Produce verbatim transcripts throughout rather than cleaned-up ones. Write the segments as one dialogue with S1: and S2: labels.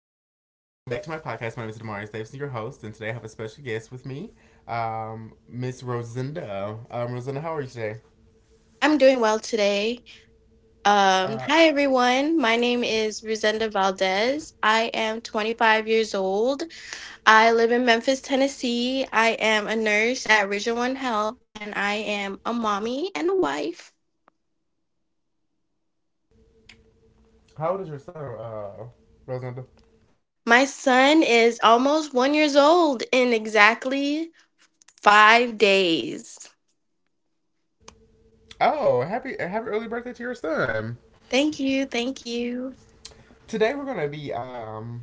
S1: afternoon. Welcome back to my podcast. My name is Damaris Davidson, your host, and today I have a special guest with me, um, Miss Rosinda. Um, Rosinda, how are you today?
S2: I'm doing well today. Um,
S1: Uh,
S2: hi, everyone. My name is Rosenda Valdez. I am twenty-five years old. I live in Memphis, Tennessee. I am a nurse at Region One Health, and I am a mommy and a wife.
S1: how old is your son, uh, Rosinda?
S2: My son is almost one years old in exactly five days.
S1: Oh, happy happy early birthday to your son.
S2: Thank you, thank you.
S1: Today we're gonna be um,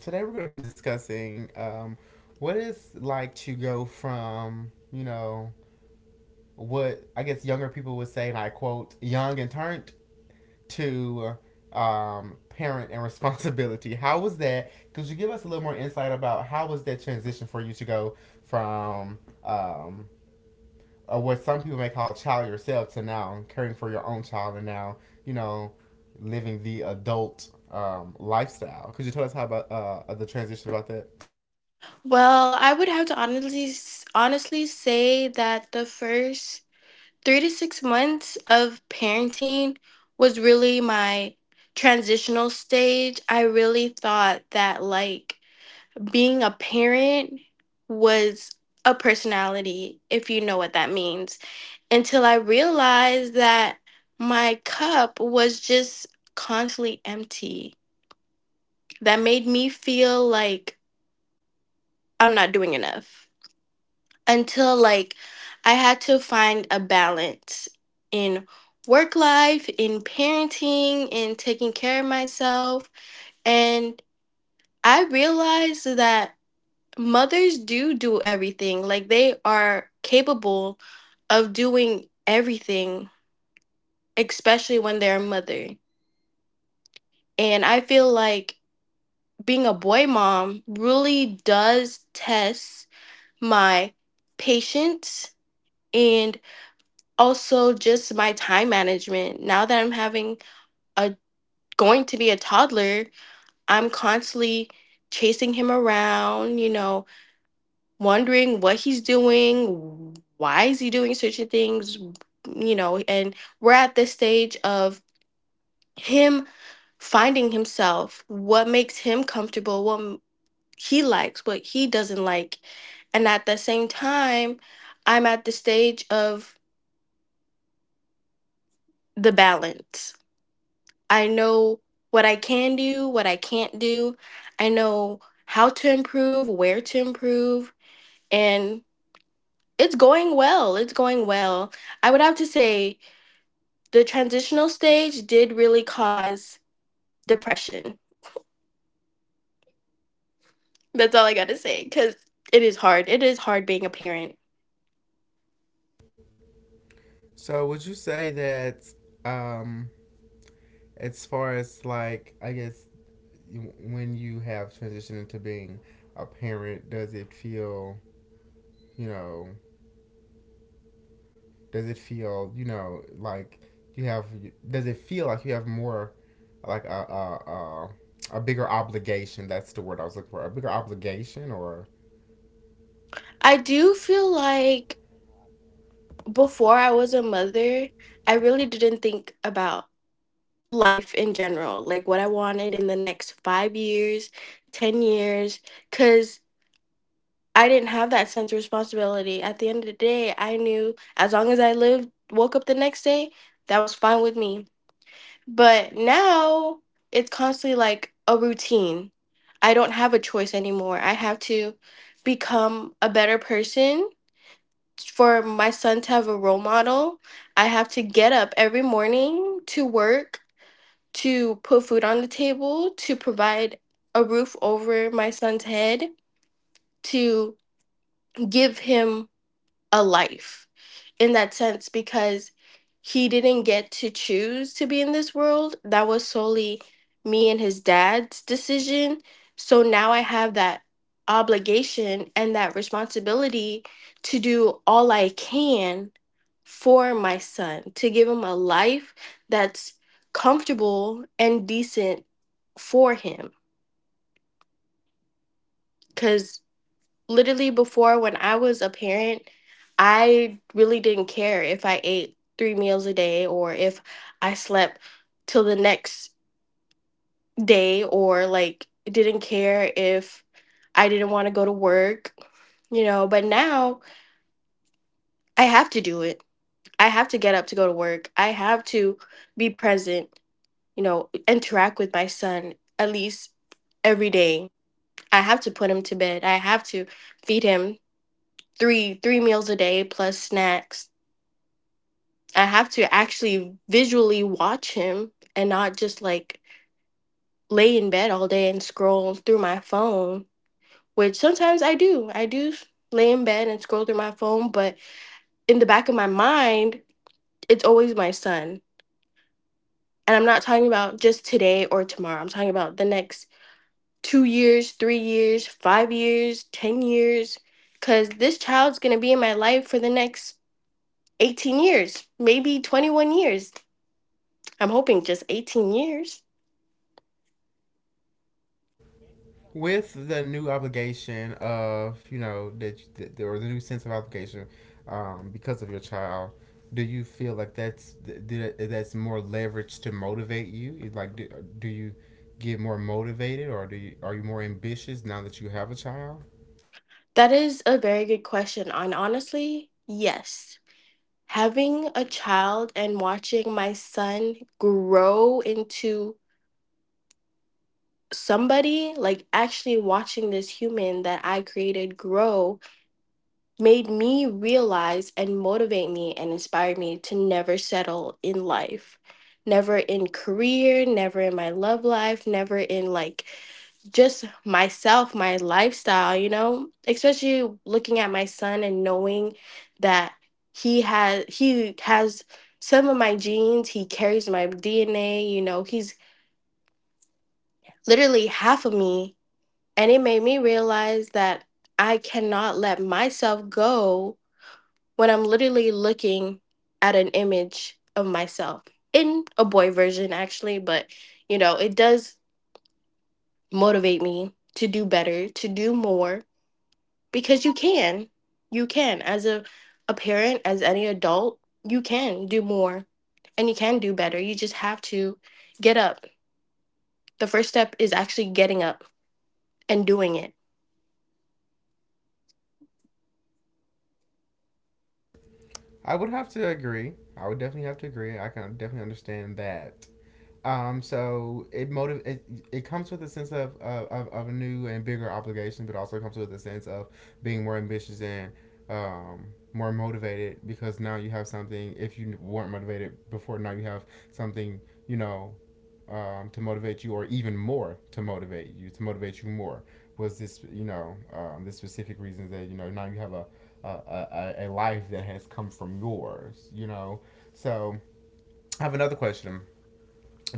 S1: Today we're gonna be discussing um, what it's like to go from you know what I guess younger people would say, and I quote, young and turned to, um, parent and responsibility. How was that? Could you give us a little more insight about how was that transition for you to go from um, uh, what some people may call a child yourself to now caring for your own child and now, you know, living the adult um, lifestyle? Could you tell us how about uh, the transition about that?
S2: Well, I would have to honestly honestly say that the first three to six months of parenting was really my transitional stage. I really thought that, like, being a parent was a personality, if you know what that means, until I realized that my cup was just constantly empty. That made me feel like I'm not doing enough. Until like I had to find a balance in work life, in parenting, in taking care of myself. And I realized that mothers do do everything. Like they are capable of doing everything, especially when they're a mother. And I feel like being a boy mom really does test my patience and also just my time management. Now that I'm having a going to be a toddler, I'm constantly chasing him around, you know, wondering what he's doing, why is he doing certain things, you know, and we're at this stage of him finding himself, what makes him comfortable, what he likes, what he doesn't like. And at the same time, I'm at the stage of the balance. I know what I can do, what I can't do. I know how to improve, where to improve, and it's going well. It's going well. I would have to say the transitional stage did really cause depression. That's all I got to say cuz it is hard. It is hard being a parent.
S1: So would you say that um, as far as, like, I guess when you have transitioned into being a parent, does it feel you know, does it feel, you know, like you have, does it feel like you have more, like a, a, a, a bigger obligation? That's the word I was looking for. A bigger obligation, or
S2: I do feel like before I was a mother, I really didn't think about life in general, like what I wanted in the next five years, ten years, because I didn't have that sense of responsibility. At the end of the day, I knew as long as I lived, woke up the next day, that was fine with me. But now it's constantly like a routine. I don't have a choice anymore. I have to become a better person for my son to have a role model. I have to get up every morning to work, to put food on the table, to provide a roof over my son's head, to give him a life in that sense because he didn't get to choose to be in this world. That was solely me and his dad's decision. So now I have that obligation and that responsibility to do all I can for my son, to give him a life that's comfortable and decent for him. Because literally before when I was a parent, I really didn't care if I ate three meals a day or if I slept till the next day or like didn't care if I didn't want to go to work, you know, but now I have to do it. I have to get up to go to work. I have to be present, you know, interact with my son at least every day. I have to put him to bed. I have to feed him three three meals a day plus snacks. I have to actually visually watch him and not just like lay in bed all day and scroll through my phone, which sometimes I do. I do lay in bed and scroll through my phone, but in the back of my mind, it's always my son. And I'm not talking about just today or tomorrow. I'm talking about the next two years, three years, five years, ten years cuz this child's going to be in my life for the next eighteen years, maybe twenty-one years. I'm hoping just eighteen years.
S1: with the new obligation of, you know, that, that or the new sense of obligation um, because of your child, do you feel like that's that's more leverage to motivate you? Like do, do you get more motivated, or do you are you more ambitious now that you have a child?
S2: That is a very good question. And honestly, yes. Having a child and watching my son grow into somebody, like actually watching this human that I created grow, made me realize and motivate me and inspire me to never settle in life. Never in career, never in my love life, never in like just myself, my lifestyle, you know, especially looking at my son and knowing that he has he has some of my genes, he carries my D N A, you know, he's literally half of me. And it made me realize that I cannot let myself go when I'm literally looking at an image of myself in a boy version actually, but you know, it does motivate me to do better, to do more because you can you can as a, a parent as any adult you can do more and you can do better. You just have to get up. The first step is actually getting up and doing it.
S1: I would have to agree. I would definitely have to agree. I can definitely understand that. Um, so it motiv- it, it comes with a sense of, uh, of of a new and bigger obligation, but also comes with a sense of being more ambitious and, um, more motivated because now you have something. If you weren't motivated before, now you have something, you know, um, to motivate you, or even more to motivate you, to motivate you more. Was this, you know, um, the specific reasons that, you know, now you have a a, a a life that has come from yours, you know? So I have another question.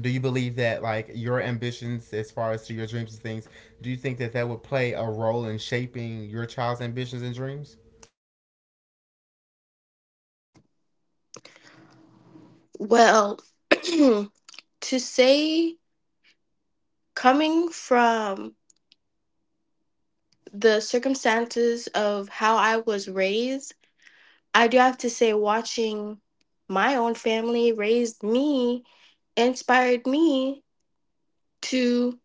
S1: Do you believe that, like, your ambitions as far as to your dreams and things, do you think that that would play a role in shaping your child's ambitions and dreams
S2: Well, to say, coming from the circumstances of how I was raised, I do have to say watching my own family raised me inspired me to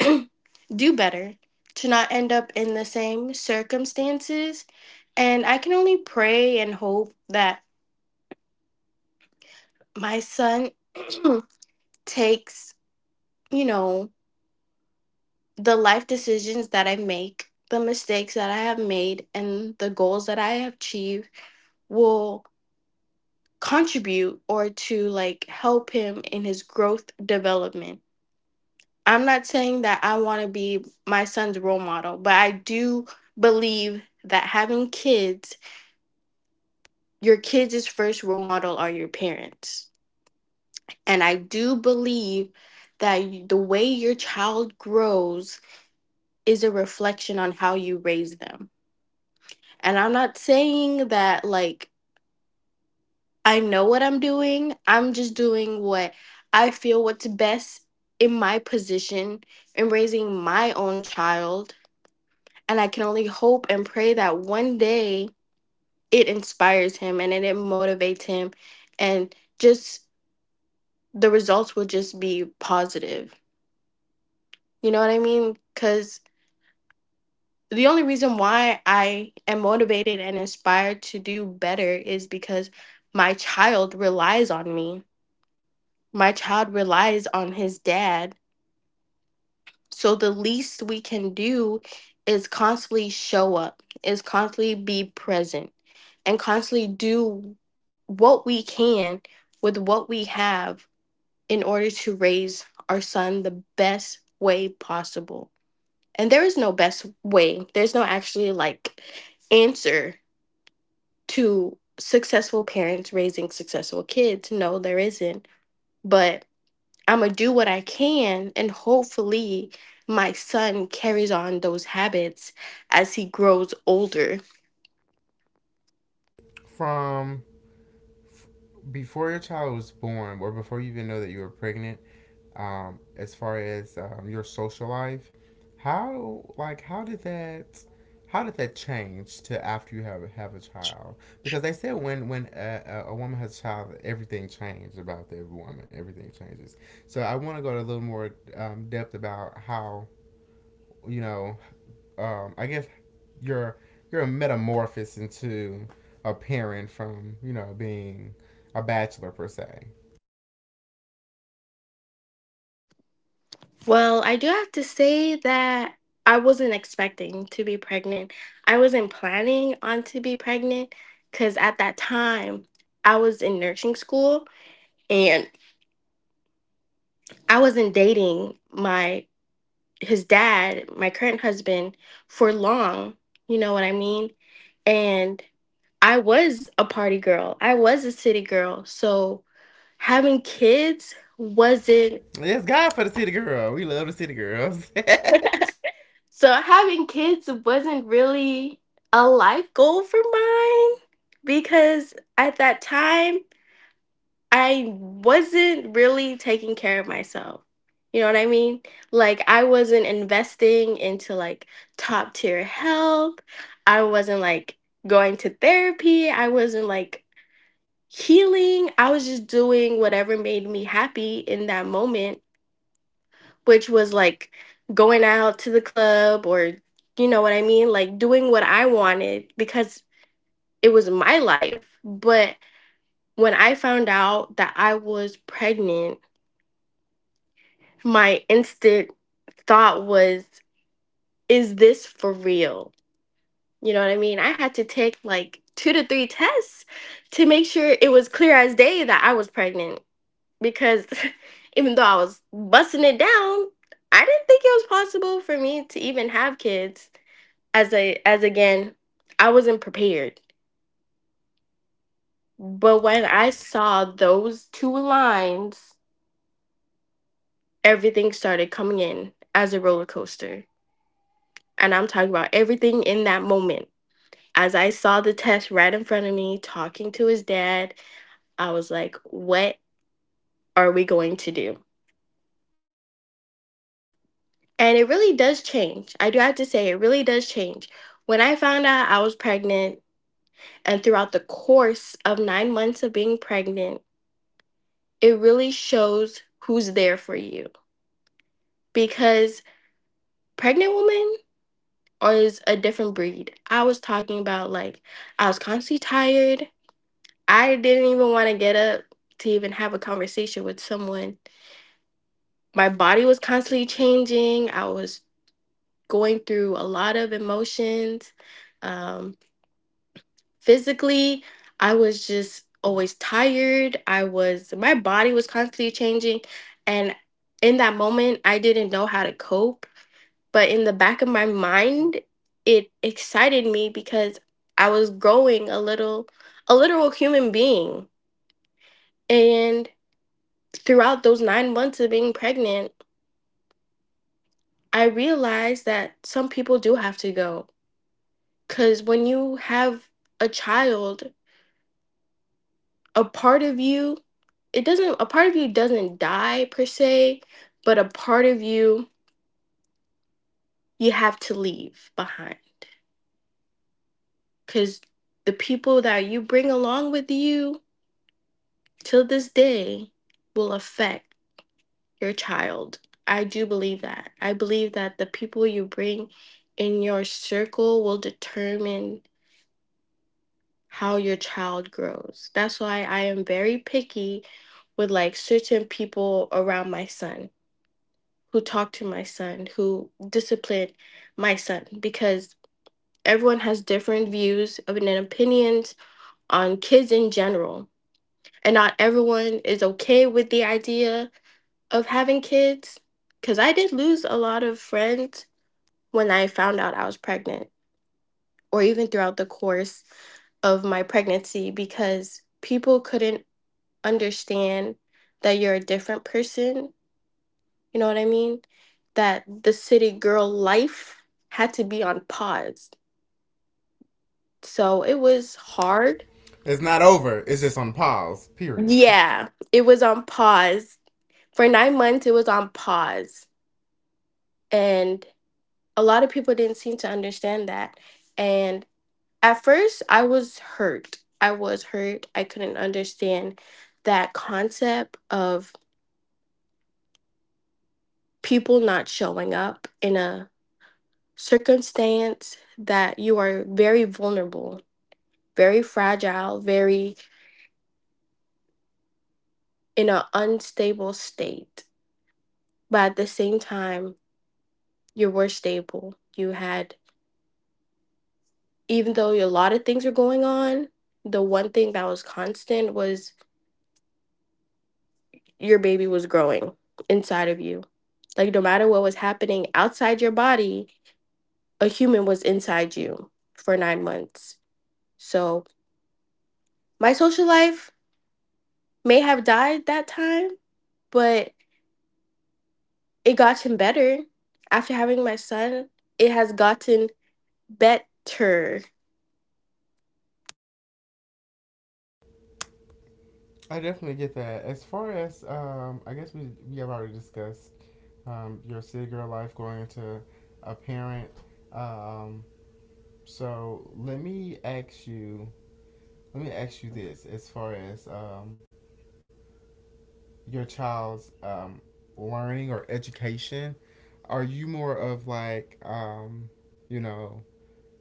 S2: do better, to not end up in the same circumstances. And I can only pray and hope that my son takes, you know, the life decisions that I make, the mistakes that I have made, and the goals that I have achieved will contribute or to like help him in his growth development. I'm not saying that I want to be my son's role model, but I do believe that having kids, your kids' first role model are your parents. And I do believe that the way your child grows is a reflection on how you raise them. And I'm not saying that, like, I know what I'm doing, I'm just doing what I feel what's best in my position in raising my own child. And I can only hope and pray that one day it inspires him and it, it motivates him. And just the results will just be positive. You know what I mean? Because the only reason why I am motivated and inspired to do better is because my child relies on me. My child relies on his dad. So the least we can do is constantly show up, is constantly be present, and constantly do what we can with what we have in order to raise our son the best way possible. And there is no best way. There's no actually like answer to successful parents raising successful kids. No, there isn't. But I'm gonna do what I can, and hopefully, my son carries on those habits as he grows older.
S1: from before your child was born, or before you even know that you were pregnant? Um, as far as um, your social life, how like how did that, how did that change to after you have have a child? Because they said when when a, a woman has a child, everything changed about the woman. Everything changes. So I want to go to a little more um, depth about how, you know, um, I guess you're you're a metamorphosis into a parent from, you know, being a bachelor per se.
S2: Well, I do have to say that I wasn't expecting to be pregnant. I wasn't planning on to be pregnant because at that time I was in nursing school and I wasn't dating my his dad, my current husband, for long. You know what I mean? And I was a party girl. I was a city girl. So having kids wasn't
S1: It's God for the city girl. We love the city girls.
S2: so having kids wasn't really a life goal for mine because at that time I wasn't really taking care of myself. You know what I mean? Like I wasn't investing into like top tier health. I wasn't like going to therapy. I wasn't like healing. I was just doing whatever made me happy in that moment, which was like going out to the club or, you know what I mean? Like doing what I wanted because it was my life. But when I found out that I was pregnant, my instant thought was, is this for real? You know what I mean? I had to take like two to three tests to make sure it was clear as day that I was pregnant because even though I was busting it down, I didn't think it was possible for me to even have kids. As a as again, I wasn't prepared. But when I saw those two lines, everything started coming in as a roller coaster. And I'm talking about everything in that moment. As I saw the test right in front of me, talking to his dad, I was like, what are we going to do? And it really does change. I do have to say, it really does change. When I found out I was pregnant, and throughout the course of nine months of being pregnant, it really shows who's there for you. Because pregnant woman is a different breed. I was talking about like, I was constantly tired. I didn't even want to get up to even have a conversation with someone. My body was constantly changing. I was going through a lot of emotions. Um, Physically, I was just always tired. I was My body was constantly changing, and in that moment I didn't know how to cope. But in the back of my mind, it excited me because I was growing a little a literal human being. And throughout those nine months of being pregnant, I realized that some people do have to go, because when you have a child, a part of you, it doesn't a part of you doesn't die per se, but a part of you, you have to leave behind. Because the people that you bring along with you till this day will affect your child. I do believe that. I believe that the people you bring in your circle will determine how your child grows. That's why I am very picky with, like, certain people around my son, who talked to my son, who disciplined my son, because everyone has different views and opinions on kids in general. And not everyone is okay with the idea of having kids. Because I did lose a lot of friends when I found out I was pregnant, or even throughout the course of my pregnancy, because people couldn't understand that you're a different person. You know what I mean? That the city girl life had to be on pause. So it was hard.
S1: It's not over. It's just on pause. Period.
S2: Yeah, it was on pause. For nine months, it was on pause. And a lot of people didn't seem to understand that. And at first, I was hurt. I was hurt. I couldn't understand that concept of people not showing up in a circumstance that you are very vulnerable, very fragile, very in an unstable state. But at the same time, you were stable. You had, even though a lot of things were going on, the one thing that was constant was your baby was growing inside of you. Like, no matter what was happening outside your body, a human was inside you for nine months. So, my social life may have died that time, but it gotten better. After having my son, it has gotten better.
S1: I definitely get that. As far as um, I guess we we have already discussed um, your city girl life going into a parent. Um, so let me ask you. Let me ask you this. As far as um, your child's um, learning or education? Are you more of like, um, you know,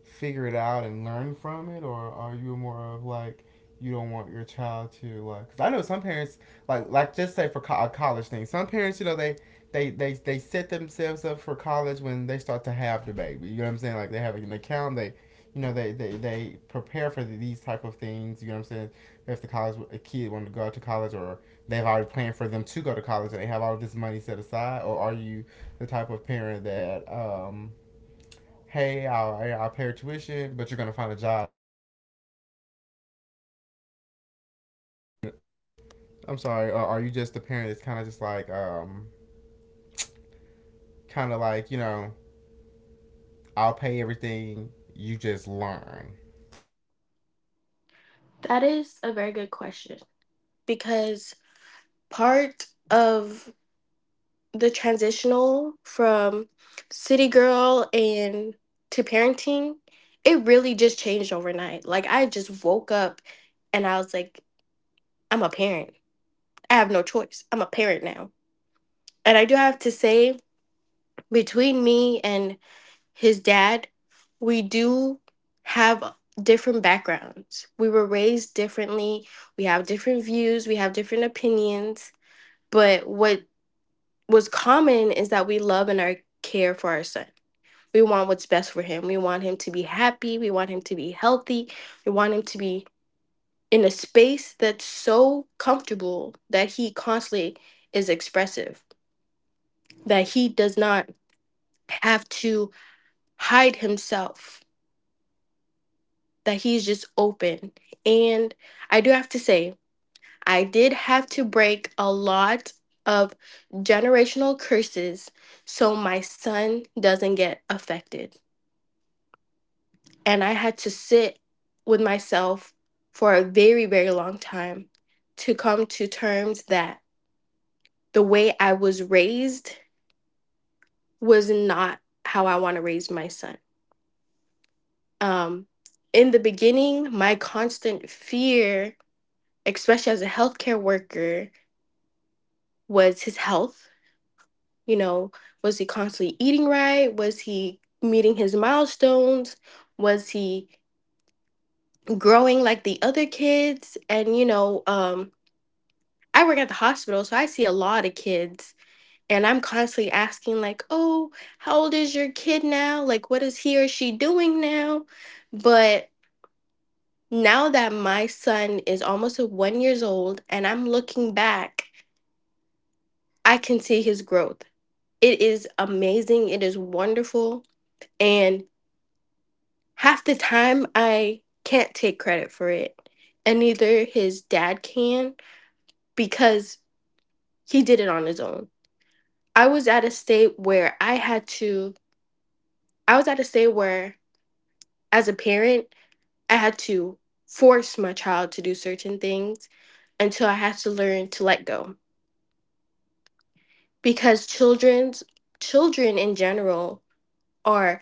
S1: figure it out and learn from it, or are you more of like you don't want your child to like? Because I know some parents, like like just say for co- a college thing, some parents, you know, they. They, they, they set themselves up for college when they start to have the baby. You know what I'm saying? Like they have an account, they, you know, they, they, they prepare for these type of things, you know what I'm saying? If the college a kid wanted to go out to college, or they've already planned for them to go to college and they have all this money set aside, or are you the type of parent that, um, hey, I'll, hey, I'll pay your tuition, but you're going to find a job? I'm sorry, uh, are you just the parent that's kind of just like, um, kind of like, you know, I'll pay everything, you just learn?
S2: That is a very good question, because part of the transitional from city girl and to parenting, it really just changed overnight. Like, I just woke up and I was like, I'm a parent. I have no choice. I'm a parent now. And I do have to say, between me and his dad, we do have different backgrounds. We were raised differently. We have different views. We have different opinions. But what was common is that we love and our care for our son. We want what's best for him. We want him to be happy. We want him to be healthy. We want him to be in a space that's so comfortable that he constantly is expressive, that he does not have to hide himself, that he's just open. And I do have to say, I did have to break a lot of generational curses so my son doesn't get affected. And I had to sit with myself for a very, very long time to come to terms that the way I was raised was not how I want to raise my son. Um, in the beginning, my constant fear, especially as a healthcare worker, was his health. You know, was he constantly eating right? Was he meeting his milestones? Was he growing like the other kids? And, you know, um, I work at the hospital, so I see a lot of kids. And I'm constantly asking, like, oh, how old is your kid now? Like, what is he or she doing now? But now that my son is almost one years old and I'm looking back, I can see his growth. It is amazing. It is wonderful. And half the time, I can't take credit for it. And neither his dad can, because he did it on his own. I was at a state where I had to, I was at a state where, as a parent, I had to force my child to do certain things until I had to learn to let go. Because children's children in general are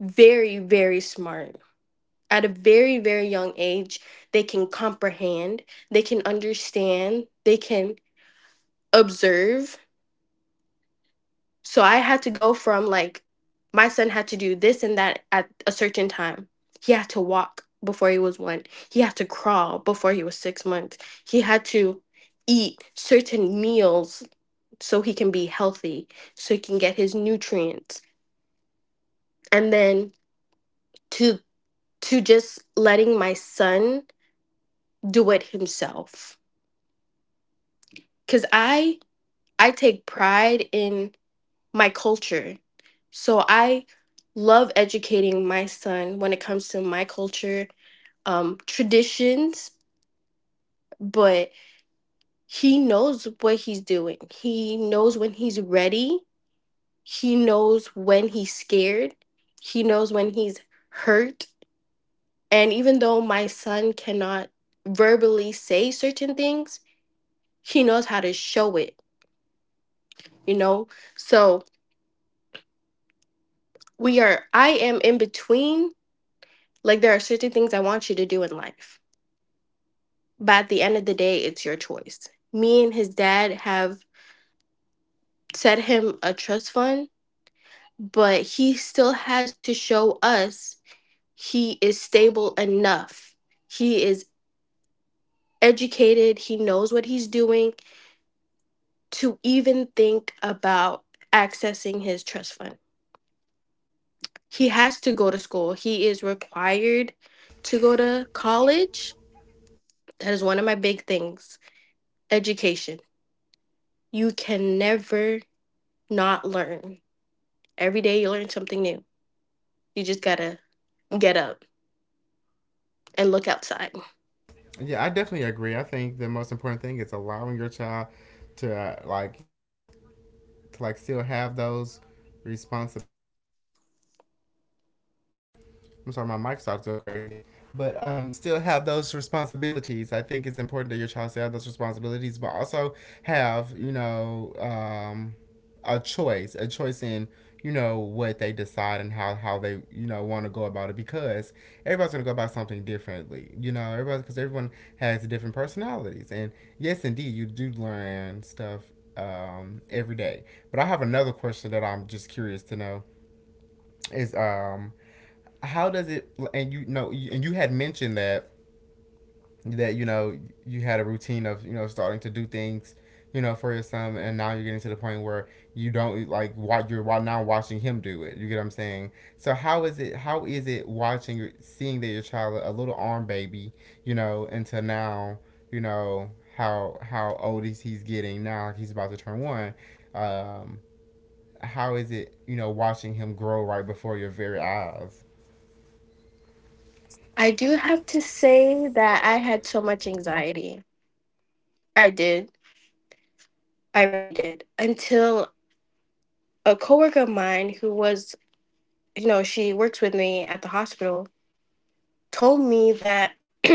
S2: very, very smart. At a very, very young age, they can comprehend, they can understand, they can observe. So I had to go from, like, my son had to do this and that at a certain time, he had to walk before he was one, he had to crawl before he was six months, he had to eat certain meals so he can be healthy, so he can get his nutrients, and then to to just letting my son do it himself. Because i I take pride in my culture. So I love educating my son when it comes to my culture, um, traditions. But he knows what he's doing. He knows when he's ready. He knows when he's scared. He knows when he's hurt. And even though my son cannot verbally say certain things, he knows how to show it, you know? So we are, I am in between. Like, there are certain things I want you to do in life. But at the end of the day, it's your choice. Me and his dad have set him a trust fund, but he still has to show us he is stable enough. He is educated, he knows what he's doing, to even think about accessing his trust fund. He has to go to school. He is required to go to college. That is one of my big things: education. You can never not learn. Every day you learn something new. You just gotta get up and look outside.
S1: Yeah, I definitely agree. I think the most important thing is allowing your child to, uh, like to like still have those responsibilities. I'm sorry, my mic started to go crazy. But um, still have those responsibilities. I think it's important that your child still have those responsibilities, but also have, you know, um, a choice, a choice in, you know, what they decide and how, how they, you know, want to go about it, because everybody's going to go about something differently, you know, everybody, because everyone has different personalities. And yes, indeed, you do learn stuff um, every day. But I have another question that I'm just curious to know is, um, how does it? And you know, and you had mentioned that that, you know, you had a routine of, you know, starting to do things, you know, for your son, and now you're getting to the point where you don't like why you're now watching him do it, you get what I'm saying? So how is it, how is it watching, seeing that your child a little arm baby, you know, until now, you know, how how old is he's getting now? Like, he's about to turn one. um how is it, you know, watching him grow right before your very eyes?
S2: I do have to say that I had so much anxiety. I did. I really did. Until a coworker of mine who was, you know, she works with me at the hospital, told me that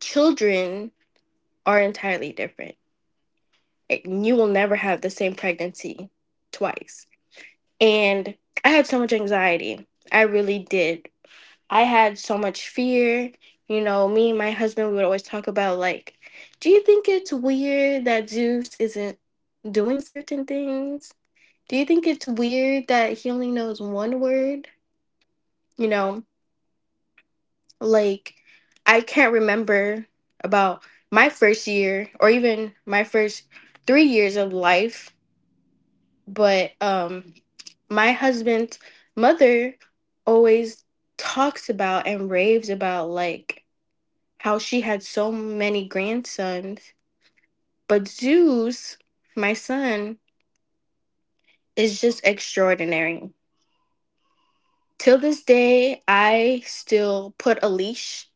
S2: children are entirely different. Eh, You will never have the same pregnancy twice. And I had so much anxiety. I really did. I had so much fear. You know, me and my husband, we would always talk about, like, do you think it's weird that Zeus isn't doing certain things? Do you think it's weird that he only knows one word? You know, like, I can't remember about my first year or even my first three years of life, but um, my husband's mother always talks about and raves about, like, how she had so many grandsons. But Zeus, my son, is just extraordinary. Till this day, I still put a leash.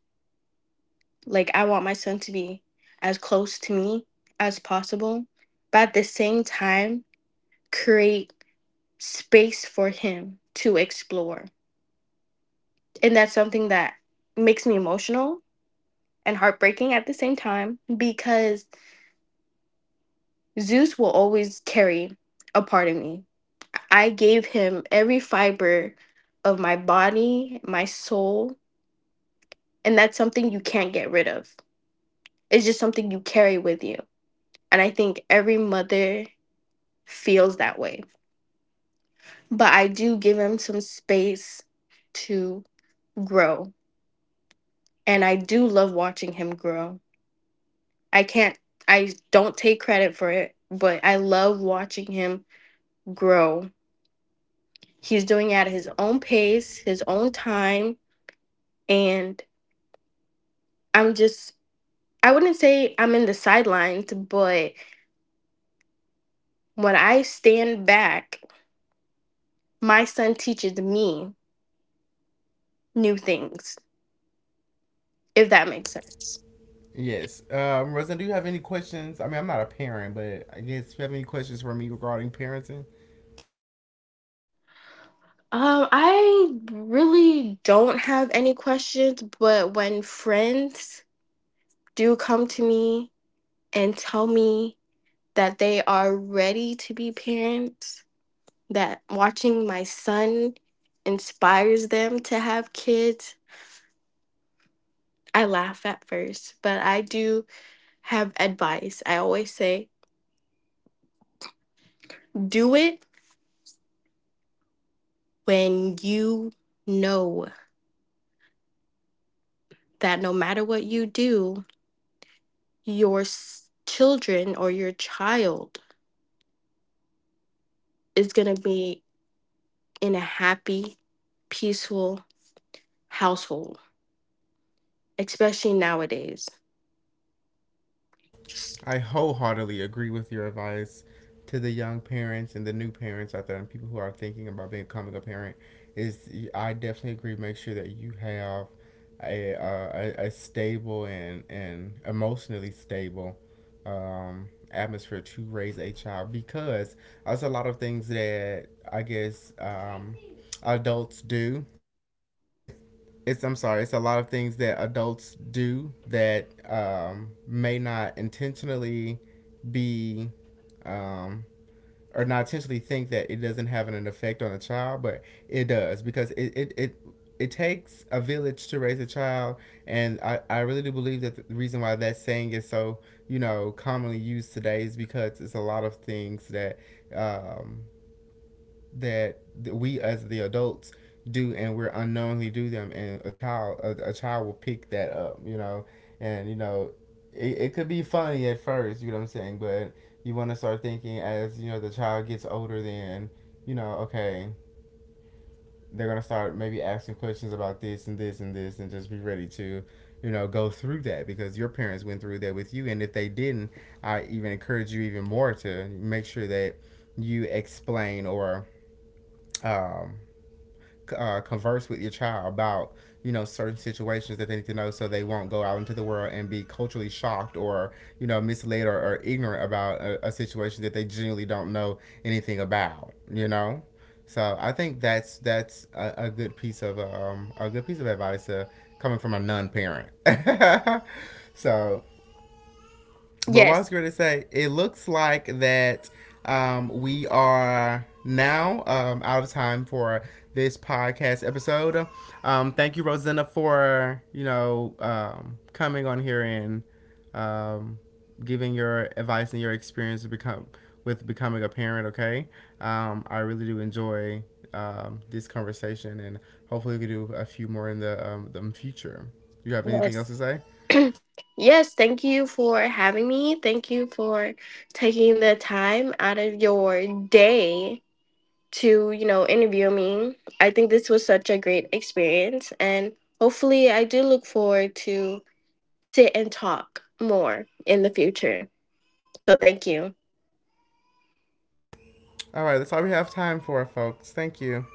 S2: Like, I want my son to be as close to me as possible, but at the same time, create space for him to explore. And that's something that makes me emotional and heartbreaking at the same time, because Zeus will always carry a part of me. I gave him every fiber of my body, my soul, and that's something you can't get rid of. It's just something you carry with you. And I think every mother feels that way. But I do give him some space to grow. And I do love watching him grow. I can't, I don't take credit for it, but I love watching him grow. He's doing it at his own pace, his own time. And I'm just, I wouldn't say I'm in the sidelines, but when I stand back, my son teaches me new things, if that makes sense.
S1: Yes. Um, Rosen, do you have any questions? I mean, I'm not a parent, but I guess if you have any questions for me regarding parenting?
S2: Um, I really don't have any questions, but when friends do come to me and tell me that they are ready to be parents, that watching my son inspires them to have kids, I laugh at first, but I do have advice. I always say, do it when you know that no matter what you do, your s- children or your child is going to be in a happy, peaceful household, especially nowadays.
S1: I wholeheartedly agree with your advice to the young parents and the new parents out there and people who are thinking about becoming a parent. Is, I definitely agree. Make sure that you have a, uh, a, a stable and and emotionally stable um, atmosphere to raise a child, because there's a lot of things that I guess um, adults do. It's, I'm sorry, it's a lot of things that adults do that um, may not intentionally be, um, or not intentionally think that it doesn't have an effect on a child, but it does, because it it, it it takes a village to raise a child. And I, I really do believe that the reason why that saying is so, you know, commonly used today is because it's a lot of things that, um, that we as the adults do, and we're unknowingly do them, and a child, a, a child will pick that up, you know? And you know, it, it could be funny at first, you know what I'm saying? But you want to start thinking, as you know, the child gets older, then, you know, okay, they're gonna start maybe asking questions about this and this and this, and just be ready to, you know, go through that, because your parents went through that with you. And if they didn't, I even encourage you even more to make sure that you explain or, um, uh, converse with your child about, you know, certain situations that they need to know, so they won't go out into the world and be culturally shocked or, you know, misled or, or ignorant about a, a situation that they genuinely don't know anything about, you know? So I think that's that's a, a good piece of um, a good piece of advice uh, coming from a non-parent. So but what I was
S2: Yes.
S1: going to say, it looks like that um, we are now um, out of time for this podcast episode. Um, thank you, Rosanna, for, you know, um, coming on here and, um, giving your advice and your experience to become with becoming a parent. Okay, um, I really do enjoy um, this conversation, and hopefully we can do a few more in the um, the future. You have anything else
S2: Yes.
S1: to say?
S2: Yes. Thank you for having me. Thank you for taking the time out of your day to, you know, interview me. I think this was such a great experience, and hopefully I do look forward to sit and talk more in the future. So thank you.
S1: All right, that's all we have time for, folks. Thank you.